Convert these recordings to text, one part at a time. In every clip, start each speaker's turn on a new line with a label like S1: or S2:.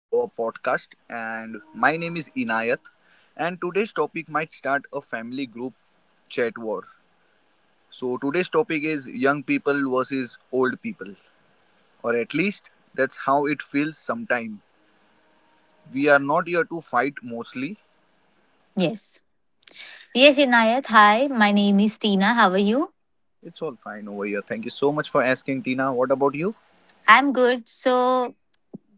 S1: to our podcast. And my name is Inayat. And today's topic might start a family group chat war. So, today's topic is young people versus old people, or at least that's how it feels sometime. We are not here to fight mostly.
S2: Yes. Yes, Inayat. Hi, my name is Tina. How are you?
S1: It's all fine over here. Thank you so much for asking, Tina. What about you?
S2: I'm good. So,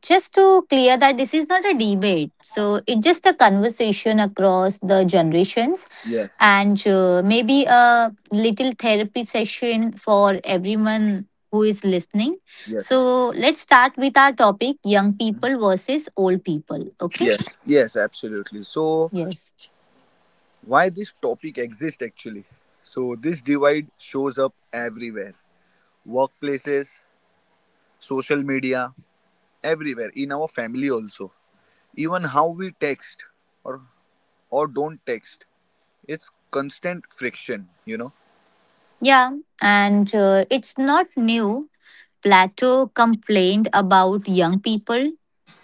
S2: just to clear that this is not a debate. So, it's just a conversation across the generations
S1: Yes,
S2: and maybe a little therapy session for everyone who is listening.
S1: yes,
S2: So, let's start with our topic young people versus old people. Okay?
S1: yes, absolutely. So,
S2: Yes.
S1: why this topic exists actually? So, this divide shows up everywhere workplaces, social media, everywhere, in our family also. Even how we text or or don't text, it's constant friction, you know.
S2: Yeah. And it's not new. Plato complained about young people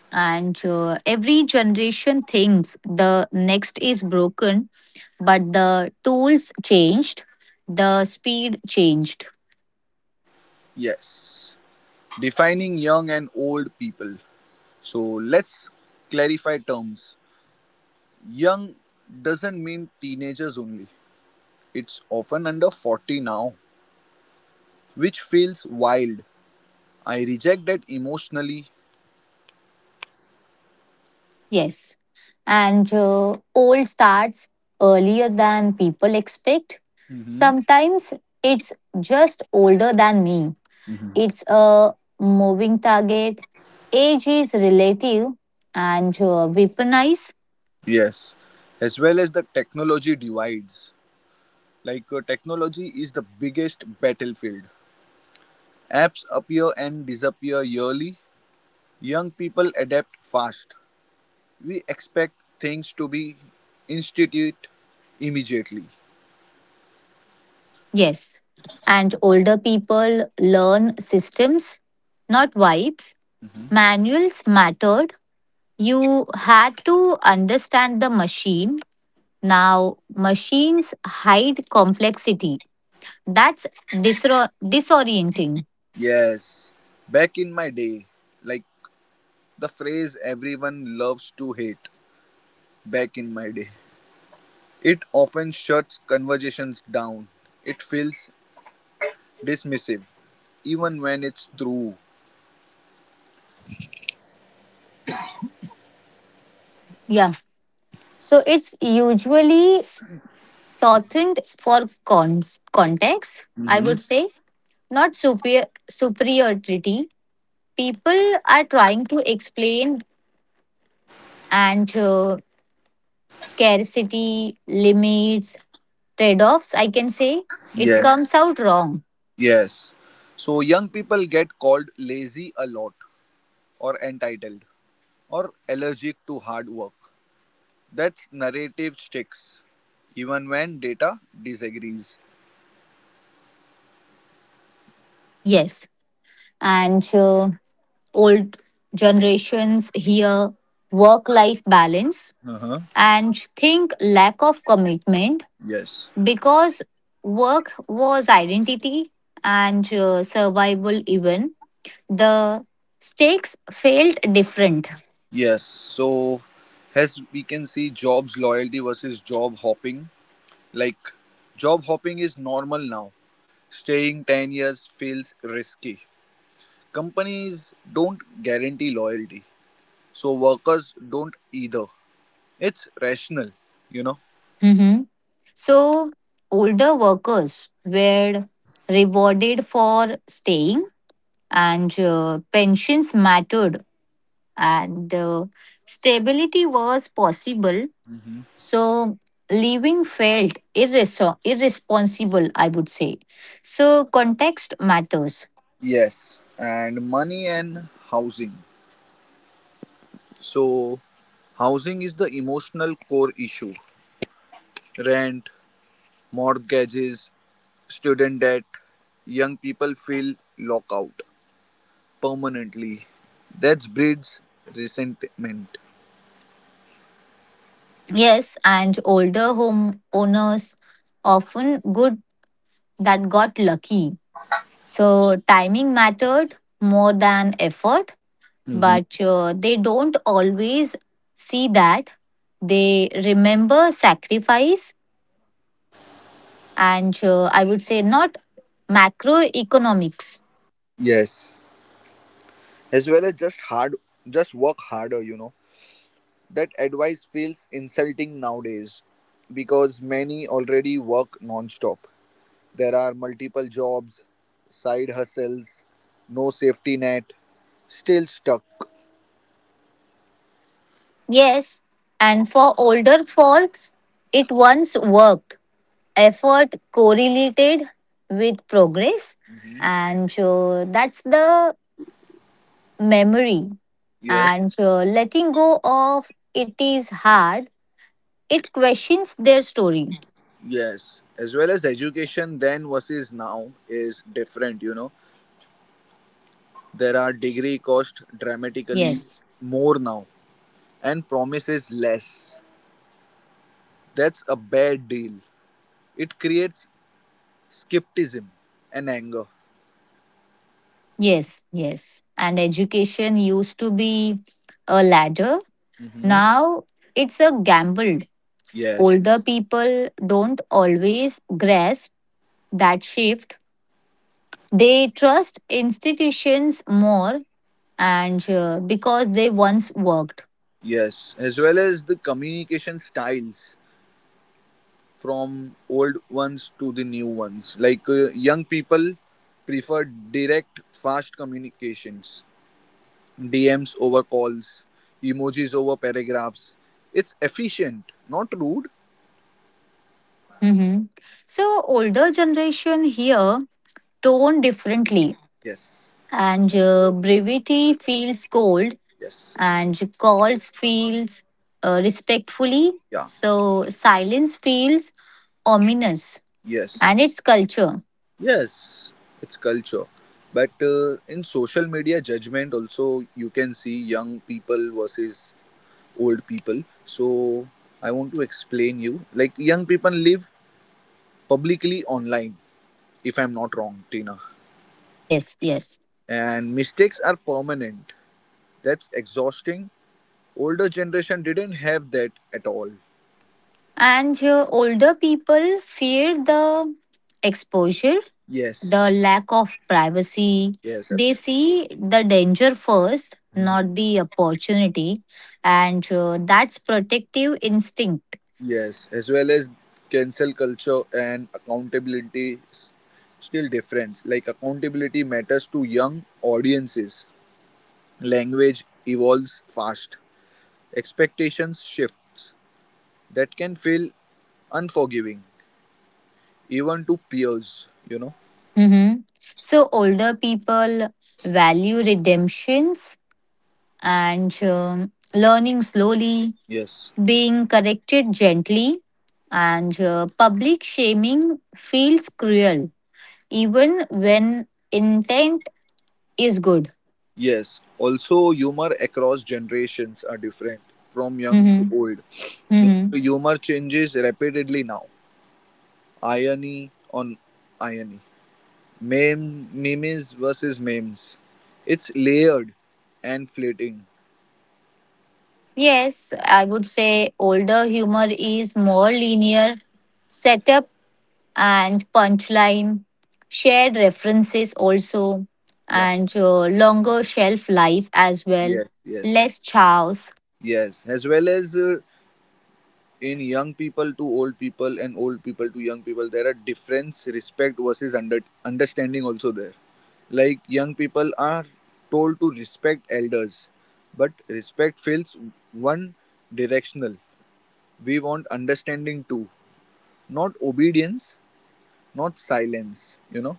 S2: and every generation thinks the next is broken, but the tools changed, the speed changed.
S1: Yes. Defining young and old people. So let's clarify terms. Young doesn't mean teenagers only. It's often under 40 now, which feels wild. I reject that emotionally.
S2: Yes and Old starts earlier than people expect,
S1: Mhm.
S2: sometimes it's just older than me. It's a moving target, age is relative, and weaponize.
S1: Yes. As well as the technology divides. Like technology is the biggest battlefield. Apps appear and disappear yearly. Young people adapt fast. We expect things to be instituted immediately.
S2: Yes. And older people learn systems, not vibes.
S1: Mhm.
S2: Manuals mattered. You had to understand the machine. Now, machines hide complexity. That's disorienting.
S1: Yes, back in my day, like the phrase everyone loves to hate, back in my day, it often shuts conversations down. It feels dismissive, even when it's true.
S2: Yeah. So it's usually shortened for context, I
S1: Mhm.
S2: would say, not superiority. People are trying to explain and scarcity, limits, trade offs, I can say, it
S1: Yes.
S2: comes out wrong.
S1: Yes. So young people get called lazy a lot, or entitled, or allergic to hard work. That's narrative sticks, even when data disagrees.
S2: Yes. And old generations here work life balance
S1: Uh-huh.
S2: and think lack of commitment
S1: Yes.
S2: because work was identity and survival, even. The stakes felt different.
S1: Yes. So, as we can see, jobs loyalty versus job hopping. Like, job hopping is normal now. Staying 10 years feels risky. Companies don't guarantee loyalty. So, workers don't either. It's rational, you know.
S2: Mhm. So, older workers were rewarded for staying, and pensions mattered, and stability was possible, so leaving felt irresponsible, I would say. So context matters.
S1: Yes, and money and housing. So, housing is the emotional core issue. Rent, mortgages, student debt, young people feel lockout permanently. That breeds resentment.
S2: Yes, and older home owners often good that got lucky, so timing mattered more than effort,
S1: Mhm.
S2: but they don't always see that. They remember sacrifice, and I would say not macroeconomics.
S1: Yes, as well as just hard, just work harder. That advice feels insulting nowadays because many already work non-stop. There are multiple jobs, side hustles, no safety net, still stuck.
S2: Yes, and for older folks, it once worked. Effort correlated with progress,
S1: Hmm.
S2: and so that's the memory.
S1: Yes,
S2: And letting go of it is hard, it questions their story.
S1: yes. As well as education then versus now is different, you know. There are degree cost dramatically
S2: Yes,
S1: more now and promises less. That's a bad deal. It creates skepticism and anger.
S2: yes, yes. And education used to be a ladder,
S1: Hmm.
S2: now it's a gamble.
S1: Yes,
S2: Older people don't always grasp that shift. They trust institutions more, and because they once worked.
S1: yes. As well as the communication styles. From old ones to the new ones. Like young people prefer direct, fast communications, DMs over calls, emojis over paragraphs. It's efficient, not rude.
S2: Mhm. So older generation here tone differently,
S1: Yes,
S2: and brevity feels cold,
S1: yes,
S2: and calls feels respectfully.
S1: yeah,
S2: So silence feels ominous,
S1: yes,
S2: and it's culture.
S1: yes. It's culture. But in social media judgment, also you can see young people versus old people. So I want to explain you. Like young people live publicly online if I'm not wrong, Tina.
S2: Yes, yes.
S1: And mistakes are permanent. That's exhausting. Older generation didn't have that at all.
S2: And Older people fear the exposure,
S1: Yes,
S2: the lack of privacy.
S1: yes,
S2: They
S1: absolutely.
S2: see the danger first, not the opportunity. And that's protective instinct.
S1: Yes, as well as cancel culture and accountability still difference. Like accountability matters to young audiences. Language evolves fast. Expectations shifts. That can feel unforgiving even to peers, you know.
S2: Mhm. So, older people value redemptions and learning slowly,
S1: Yes.
S2: being corrected gently. And public shaming feels cruel even when intent is good.
S1: Yes, also humor across generations are different from young
S2: Mm-hmm.
S1: to old. Like
S2: Mm-hmm.
S1: the humor changes rapidly now. Irony on irony. Memes versus memes. It's layered and fleeting.
S2: Yes, I would say older humor is more linear, setup and punchline, shared references also,
S1: Yeah.
S2: and longer shelf life as well,
S1: Yes, yes.
S2: less chows.
S1: Yes, as well as in young people to old people and old people to young people there are difference respect versus under, understanding also there like young people are told to respect elders but respect feels one directional we want understanding too not obedience not silence you know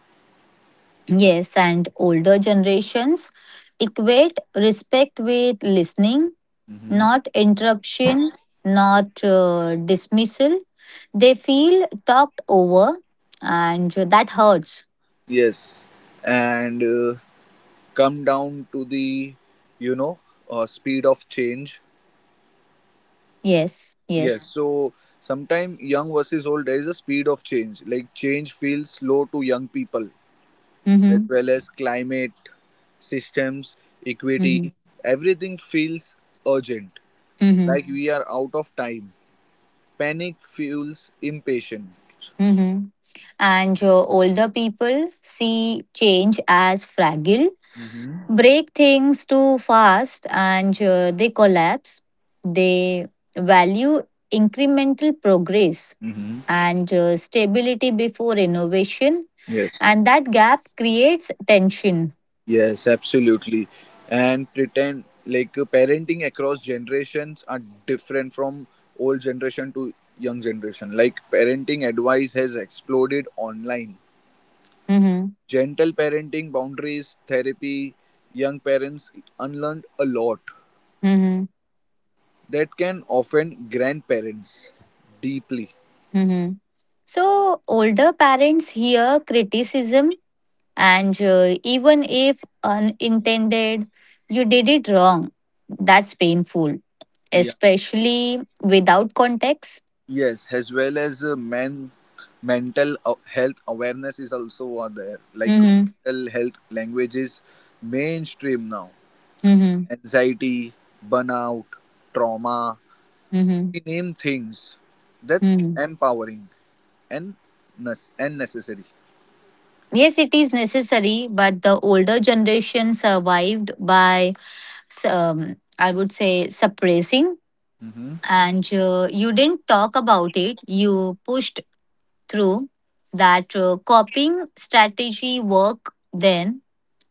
S2: Yes, and older generations equate respect with listening,
S1: hmm
S2: not interruption, not dismissal. They feel talked over and that hurts.
S1: yes and come down to the you know speed of change
S2: Yes,
S1: Yes,
S2: yes.
S1: so sometime young versus old, there is a speed of change. Like change feels slow to young people, as
S2: Mhm.
S1: well as climate, systems,
S2: Mhm.
S1: equity, everything feels urgent.
S2: Mhm.
S1: Like we are out of time. Panic feels impatient.
S2: Mhm. And older people see change as fragile,
S1: Mm-hmm.
S2: break things too fast and they collapse. They value incremental progress,
S1: Mm-hmm.
S2: and stability before innovation,
S1: Yes,
S2: and that gap creates tension.
S1: yes, absolutely. And pretend like parenting across generations are different from old generation to young generation. Like parenting advice has exploded online.
S2: Mhm.
S1: Gentle parenting, boundaries, therapy, young parents unlearn a lot
S2: Mhm.
S1: that can offend grandparents deeply.
S2: Mhm. So, older parents hear criticism, and even if unintended, you did it wrong. That's painful,
S1: Yeah.
S2: especially without context.
S1: Yes, as well as men, mental health awareness is also are there. Like
S2: Mm-hmm.
S1: mental health language is mainstream now.
S2: Mm-hmm.
S1: Anxiety, burnout, trauma.
S2: Mm-hmm.
S1: We name things. That's
S2: Mm-hmm.
S1: empowering and necessary.
S2: Yes, it is necessary, but the older generation survived by, I would say, suppressing. And you didn't talk about it, you pushed through. That copying strategy work then,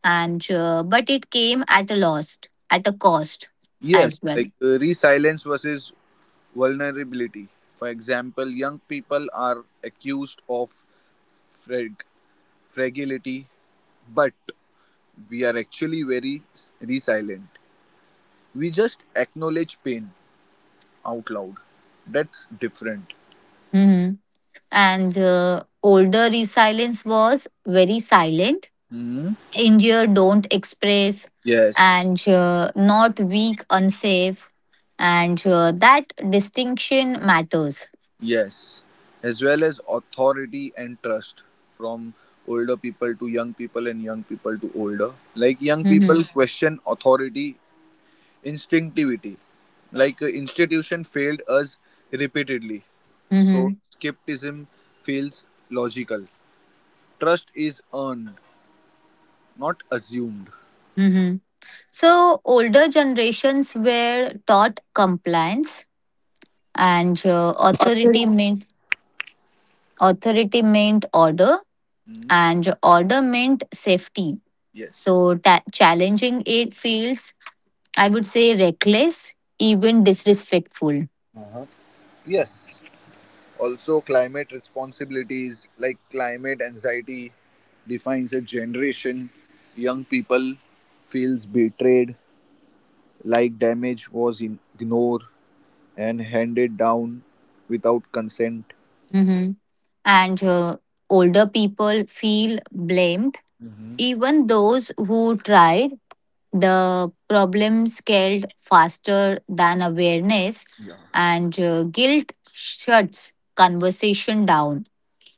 S2: and but it came at a loss, at a cost
S1: Yes,
S2: as well.
S1: like resilience versus vulnerability. For example, young people are accused of frag- fragility, but we are actually very resilient. We just acknowledge pain out loud. That's different.
S2: hmm And older resilience was very silent.
S1: Hmm?
S2: India don't express,
S1: Yes,
S2: and not weak, unsafe, and that distinction matters.
S1: yes. As well as authority and trust from older people to young people and young people to older. Like young people
S2: hmm
S1: question authority Instinctivity. Like institution failed us repeatedly. So
S2: hmm
S1: skepticism feels logical. Trust is earned, not assumed.
S2: hmm So older generations were taught compliance, and authority meant order,
S1: Hmm.
S2: and order meant safety,
S1: Yes.
S2: so challenging it feels, I would say, reckless, even disrespectful.
S1: Uh-huh. Yes. Also, climate responsibilities like climate anxiety defines a generation. Young people feels betrayed, like damage was ignored and handed down without consent.
S2: Mm-hmm. and older people feel blamed,
S1: Mhm.
S2: even those who tried. The problem scaled faster than awareness, and guilt shuts conversation down,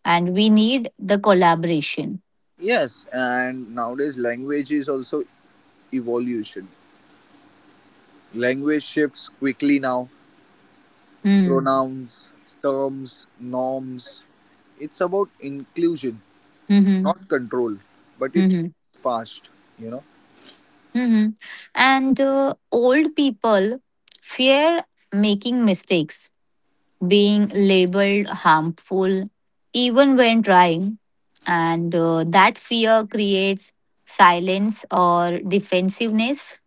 S2: and we need the collaboration.
S1: Yes, and nowadays language is also evolution. Language shifts quickly now.
S2: Mm,
S1: Pronouns, terms, norms. It's about inclusion,
S2: mm-hmm,
S1: not control, but it
S2: mm-hmm,
S1: moves fast, you know.
S2: mm-hmm. And old people fear making mistakes, being labeled harmful, even when trying. And that fear creates silence or defensiveness.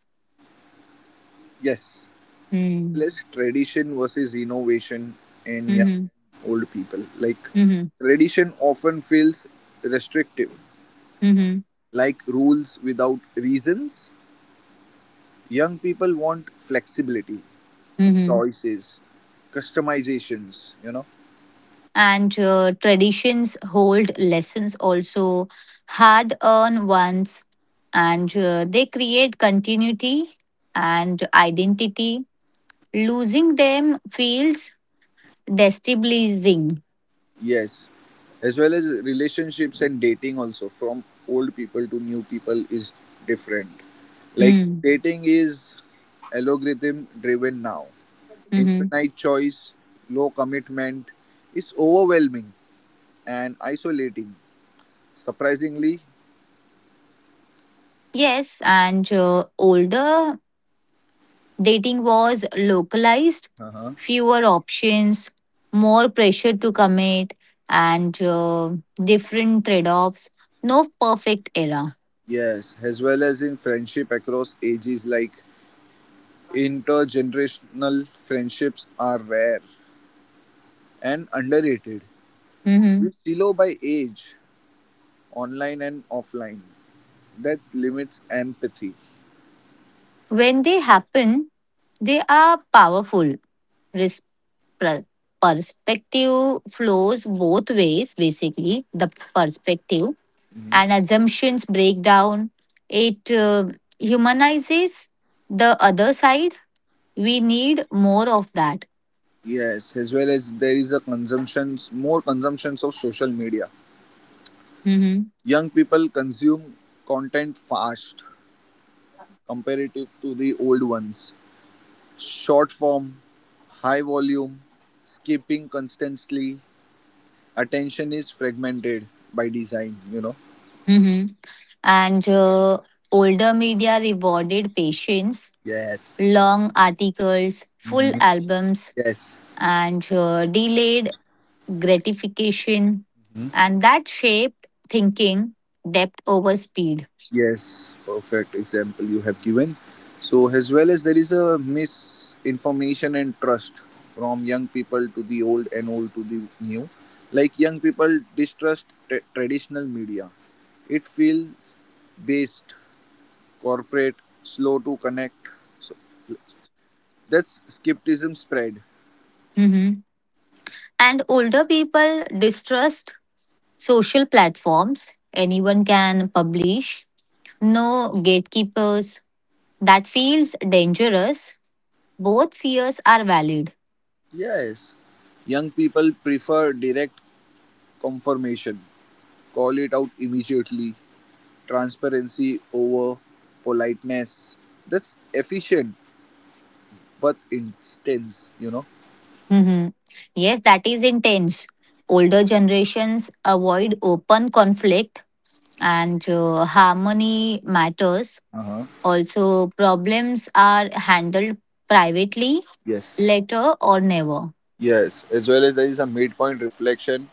S1: Yes,
S2: Mm,
S1: less tradition versus innovation in young
S2: mm-hmm,
S1: and old people. Like
S2: mm-hmm,
S1: tradition often feels restrictive,
S2: mm-hmm,
S1: like rules without reasons. Young people want flexibility,
S2: mm-hmm.
S1: choices, customizations, you know.
S2: and Traditions hold lessons also, hard earned ones, and they create continuity and identity. Losing them feels destabilizing.
S1: Yes. As well as relationships and dating also from old people to new people is different.
S2: Mm.
S1: Like
S2: Hmm.
S1: dating is algorithm driven now.
S2: Mm-hmm.
S1: Infinite choice, low commitment is overwhelming and isolating. Surprisingly,
S2: yes and older dating was localized,
S1: uh-huh.
S2: fewer options, more pressure to commit, and different trade-offs, no perfect era.
S1: Yes, as well as in friendship across ages, like intergenerational friendships are rare and underrated.
S2: Mm-hmm.
S1: You silo by age, online and offline. That limits empathy.
S2: When they happen, they are powerful. Res- per- Perspective flows both ways, basically, the perspective
S1: Hmm.
S2: and assumptions break down. It humanizes the other side. We need more of that.
S1: Yes, as well as there is a consumptions more consumptions of social media.
S2: Mm-hmm.
S1: Young people consume content fast comparative to the old ones. Short form, high volume, skipping constantly. Attention is fragmented by design, you know.
S2: Hmm. And older media rewarded patience,
S1: Yes.
S2: long articles, full
S1: Hmm.
S2: albums,
S1: Yes.
S2: and delayed gratification, and that shaped thinking, depth over speed.
S1: Yes, perfect example you have given. So, as well as there is a misinformation and trust from young people to the old and old to the new. Like young people distrust traditional media. It feels based, corporate, slow to connect. So that's skepticism spread.
S2: Mhm. And older people distrust social platforms. Anyone can publish. No gatekeepers. That feels dangerous. Both fears are valid.
S1: Yes, young people prefer direct confirmation. Call it out immediately. Transparency over politeness. That's efficient but intense, you know.
S2: Mhm. Yes, that is intense. Older generations avoid open conflict, and harmony matters.
S1: Uh-huh.
S2: Also, problems are handled privately,
S1: Yes.
S2: later, or never.
S1: Yes. As well as there is a midpoint reflection.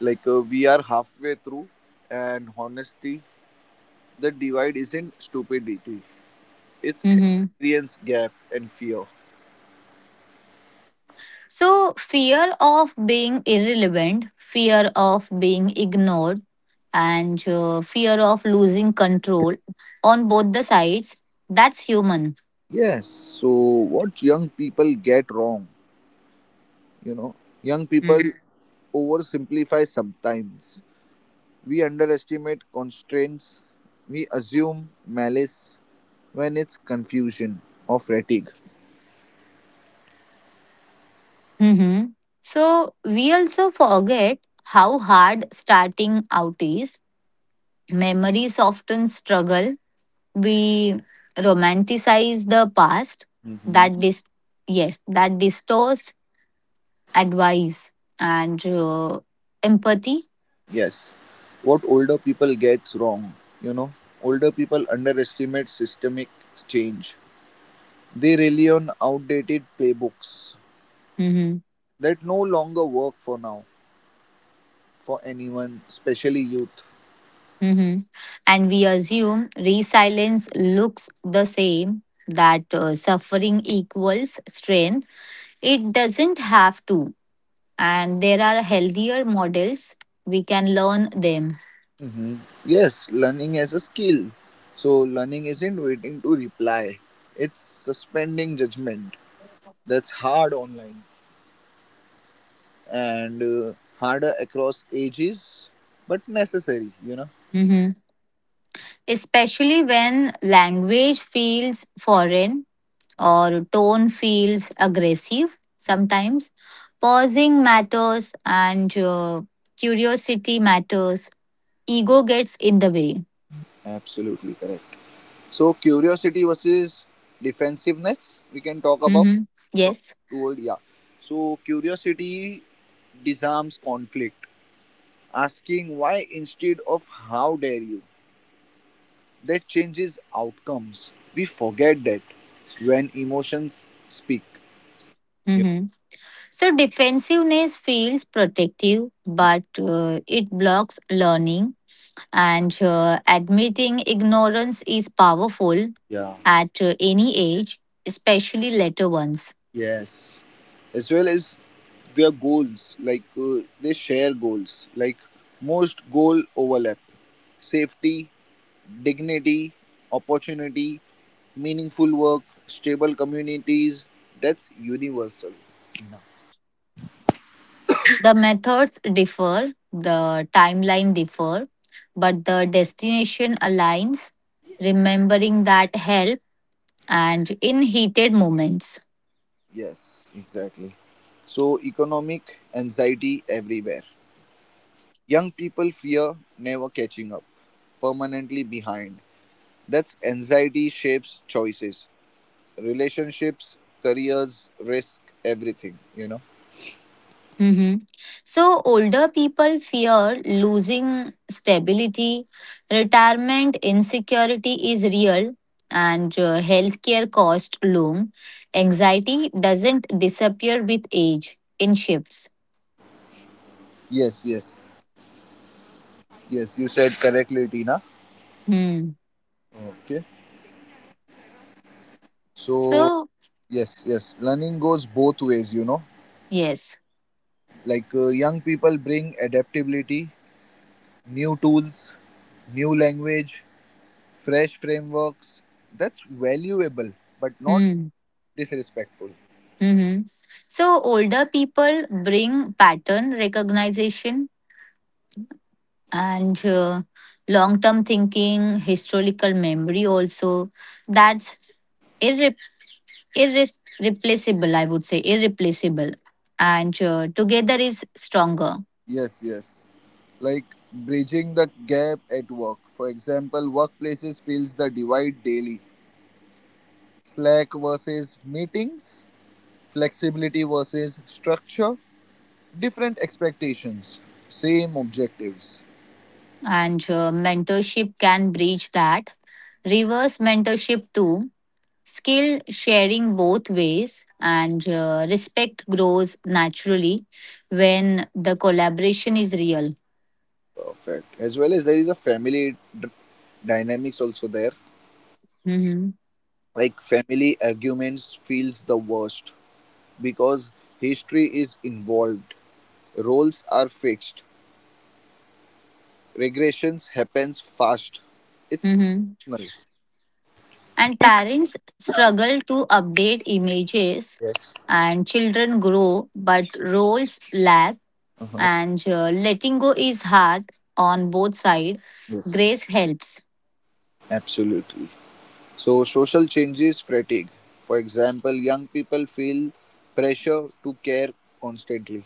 S1: Like we are halfway through, and honesty, the divide isn't stupidity, it's
S2: Mhm.
S1: experience gap and fear.
S2: So, fear of being irrelevant, fear of being ignored, and fear of losing control on both the sides, that's human.
S1: Yes. So, what young people get wrong, you know, young people
S2: Mm.
S1: oversimplify sometimes. We underestimate constraints, we assume malice when it's confusion or fatigue.
S2: Mhm. So, we also forget how hard starting out is. Memory softens struggle, we romanticize the past, that
S1: Hmm.
S2: distorts advice and empathy.
S1: Yes, what older people gets wrong, you know, older people underestimate systemic change. They rely on outdated playbooks
S2: Hmm.
S1: that no longer work for now for anyone, especially youth.
S2: Hmm. And we assume resilience looks the same, that suffering equals strength. It doesn't have to, and there are healthier models, we can learn them.
S1: Hmm. Yes, learning as a skill. So learning isn't waiting to reply. It's suspending judgment. That's hard online and harder across ages but necessary you know.
S2: Mhm. Especially when language feels foreign or tone feels aggressive sometimes. Pausing matters, and curiosity matters. Ego gets in the way.
S1: Absolutely correct. So curiosity versus defensiveness we can talk about
S2: Hmm.
S1: from
S2: Yes.
S1: to old, yeah. So curiosity disarms conflict, asking why instead of how dare you. That changes outcomes. We forget that when emotions speak.
S2: Hmm. So defensiveness feels protective, but it blocks learning. And admitting ignorance is powerful
S1: Yeah.
S2: at any age, especially later ones.
S1: Yes, as well as their goals, like they share goals, like most goal overlap safety, dignity, opportunity, meaningful work, stable communities. That's universal. No.
S2: The methods differ, the timeline differ, but the destination aligns, remembering that help and in heated moments.
S1: Yes, exactly. So, economic anxiety everywhere. Young people fear never catching up, permanently behind. That's anxiety shapes choices. Relationships, careers, risk, everything, you know.
S2: Mhm. So, older people fear losing stability. Retirement insecurity is real, and healthcare cost loom. Anxiety doesn't disappear with age, in shifts.
S1: Yes, yes, yes, you said correctly, Tina.
S2: Hmm.
S1: Okay. So,
S2: So,
S1: yes, learning goes both ways, you know.
S2: yes.
S1: Like young people bring adaptability, new tools, new language, fresh frameworks. That's valuable, but not
S2: Hmm.
S1: disrespectful.
S2: Hmm. So older people bring pattern recognition and long term thinking, historical memory also. That's irre- irreplaceable, I would say, irreplaceable. And together is stronger.
S1: Yes. Like bridging the gap at work. For example, workplaces feels the divide daily Slack versus meetings, flexibility versus structure, different expectations, same objectives.
S2: And mentorship can bridge that. Reverse mentorship too, skill sharing both ways, and respect grows naturally when the collaboration is real.
S1: Perfect. As well as there is a family dynamics also there.
S2: Hmm.
S1: Like family arguments feels the worst because history is involved. Roles are fixed. Regressions happens fast. It's
S2: Hmm.
S1: emotional.
S2: And parents struggle to update images,
S1: Yes.
S2: and children grow but roles lack,
S1: Uh-huh.
S2: and letting go is hard on both sides.
S1: Yes.
S2: Grace helps.
S1: Absolutely. So, social changes fatigue. For example, young people feel pressure to care constantly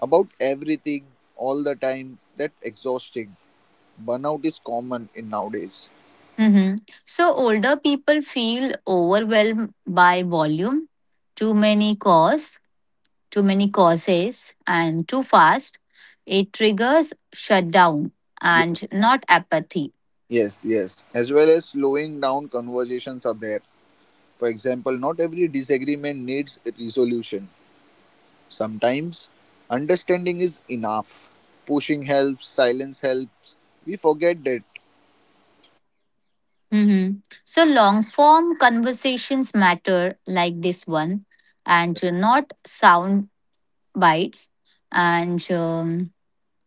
S1: about everything all the time. That exhausting. Burnout is common in nowadays.
S2: Hmm. So older people feel overwhelmed by volume, too many calls, too many courses, and too fast, it triggers shutdown
S1: Yes,
S2: and not apathy.
S1: yes. As well as slowing down conversations are there. For example, not every disagreement needs a resolution. Sometimes understanding is enough. Pushing helps, silence helps. We forget that.
S2: Mhm. So, long form conversations matter like this one, and not sound bites and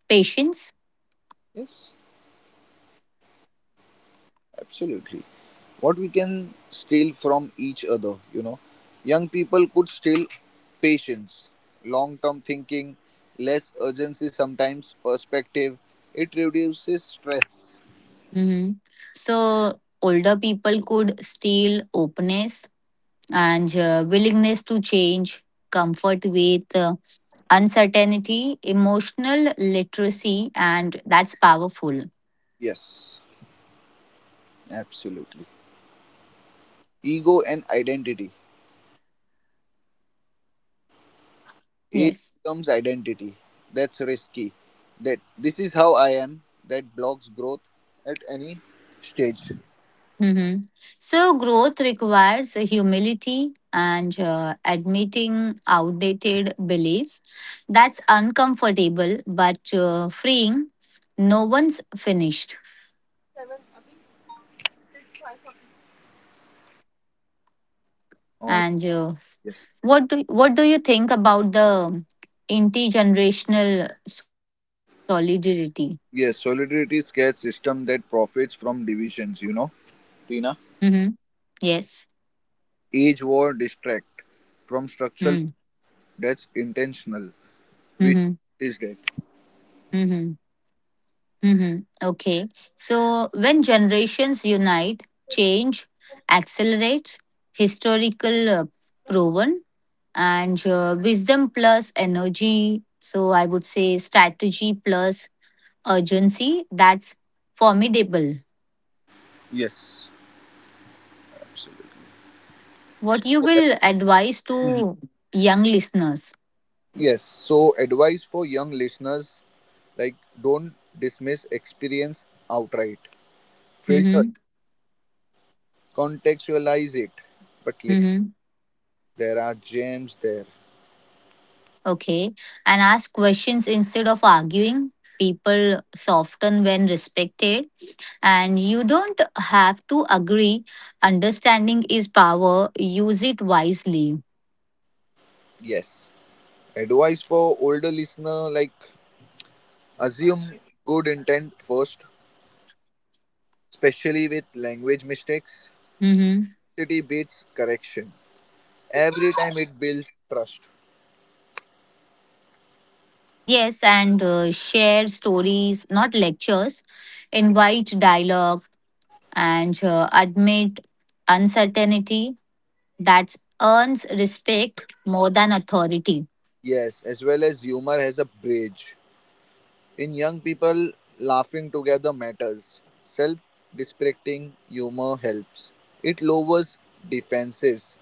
S2: patience.
S1: Yes. Absolutely. What we can steal from each other, you know. Young people could steal patience, long term thinking, less urgency sometimes, perspective. It reduces stress.
S2: Mhm. So, older people could steal openness and willingness to change, comfort with uncertainty, emotional literacy, and that's powerful.
S1: Yes, absolutely. Ego and identity. Age
S2: Yes.
S1: becomes identity. That's risky. That this is how I am. That blocks growth at any stage.
S2: Hmm. So, growth requires humility and admitting outdated beliefs. That's uncomfortable but freeing. No one's finished.
S1: Or
S2: And
S1: yes.
S2: what do you think about the intergenerational solidarity?
S1: Yes, solidarity scared system that profits from divisions, you know.
S2: Mm-hmm. Yes.
S1: Each war distract from structural,
S2: Mm,
S1: that's intentional. We
S2: mhm,
S1: should notice that.
S2: mhm, mhm. Okay. So when generations unite, change accelerates, historical proven, and wisdom plus energy. So I would say strategy plus urgency. That's formidable.
S1: Yes, absolutely. So,
S2: What you
S1: ad-
S2: will advise
S1: mhm.
S2: to young listeners?
S1: Yes, so advice for young listeners like don't dismiss experience outright. Filter,
S2: Mm-hmm.
S1: contextualize it. But listen,
S2: Mm-hmm.
S1: there are gems there.
S2: Okay. And ask questions instead of arguing. People soften when respected, and you don't have to agree. Understanding is power, use it wisely.
S1: Yes. Advice for older listener like assume good intent first, especially with language mistakes.
S2: Mhm.
S1: City beats correction. Every time it builds trust.
S2: Yes, and share stories, not lectures, invite dialogue, and admit uncertainty. That earns respect more than authority.
S1: Yes, as well as humor has a bridge. In young people, laughing together matters. Self deprecating humor helps. It lowers defenses,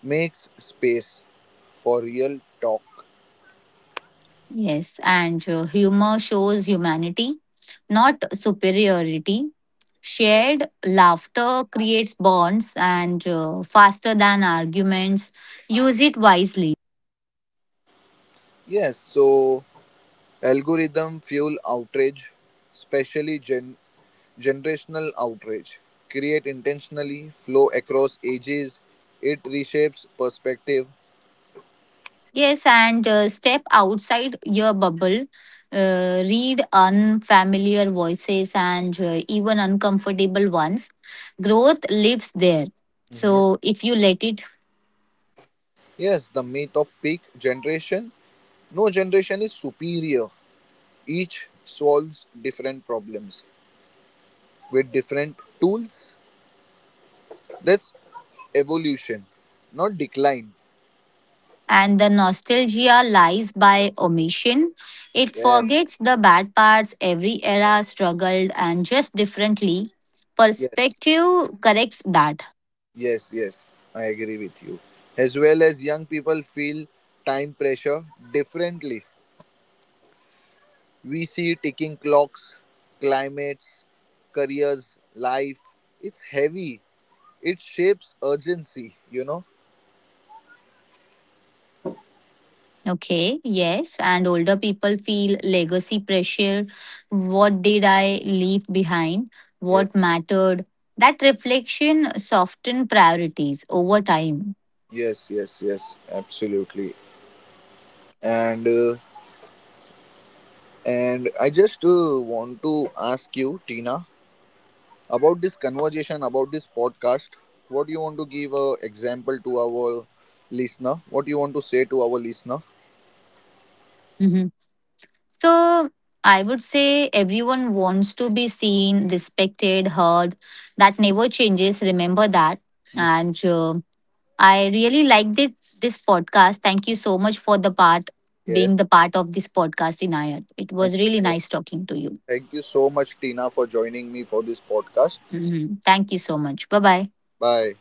S1: makes space for real talk.
S2: Yes, and humor shows humanity, not superiority. Shared laughter creates bonds and faster than arguments. Use it wisely.
S1: Yes, so algorithm fuel outrage, especially generational outrage. Create intentionally, flow across ages, it reshapes perspective.
S2: Yes, and step outside your bubble. Read unfamiliar voices and even uncomfortable ones. Growth lives there, so if you let it.
S1: Yes, the myth of peak generation. No generation is superior. Each solves different problems with different tools. That's evolution, not decline.
S2: And the nostalgia lies by omission. It
S1: Yes,
S2: forgets the bad parts, every era struggled and just differently.
S1: yes,
S2: Perspective corrects that.
S1: yes. I agree with you. As well as young people feel time pressure differently. We see ticking clocks, climates, careers, life. It's heavy. It shapes urgency, you know?
S2: Okay, yes, and older people feel legacy pressure. What did I leave behind? What mattered? That reflection soften priorities over time.
S1: Yes, absolutely. And I just want to ask you, Tina, about this conversation, about this podcast. What do you want to give a example to our listener? What do you want to say to our listener?
S2: Mm-hmm. So I would say everyone wants to be seen, respected, heard. That never changes. Remember that.
S1: Mm.
S2: And I really liked it, this podcast. Thank you so much for the part,
S1: Yes,
S2: being the part of this podcast, Inayat. It
S1: thank
S2: was really
S1: you.
S2: nice talking to you.
S1: Thank you so much, Tina, for joining me for this podcast.
S2: Mhm. Thank you so much. Bye bye.
S1: Bye.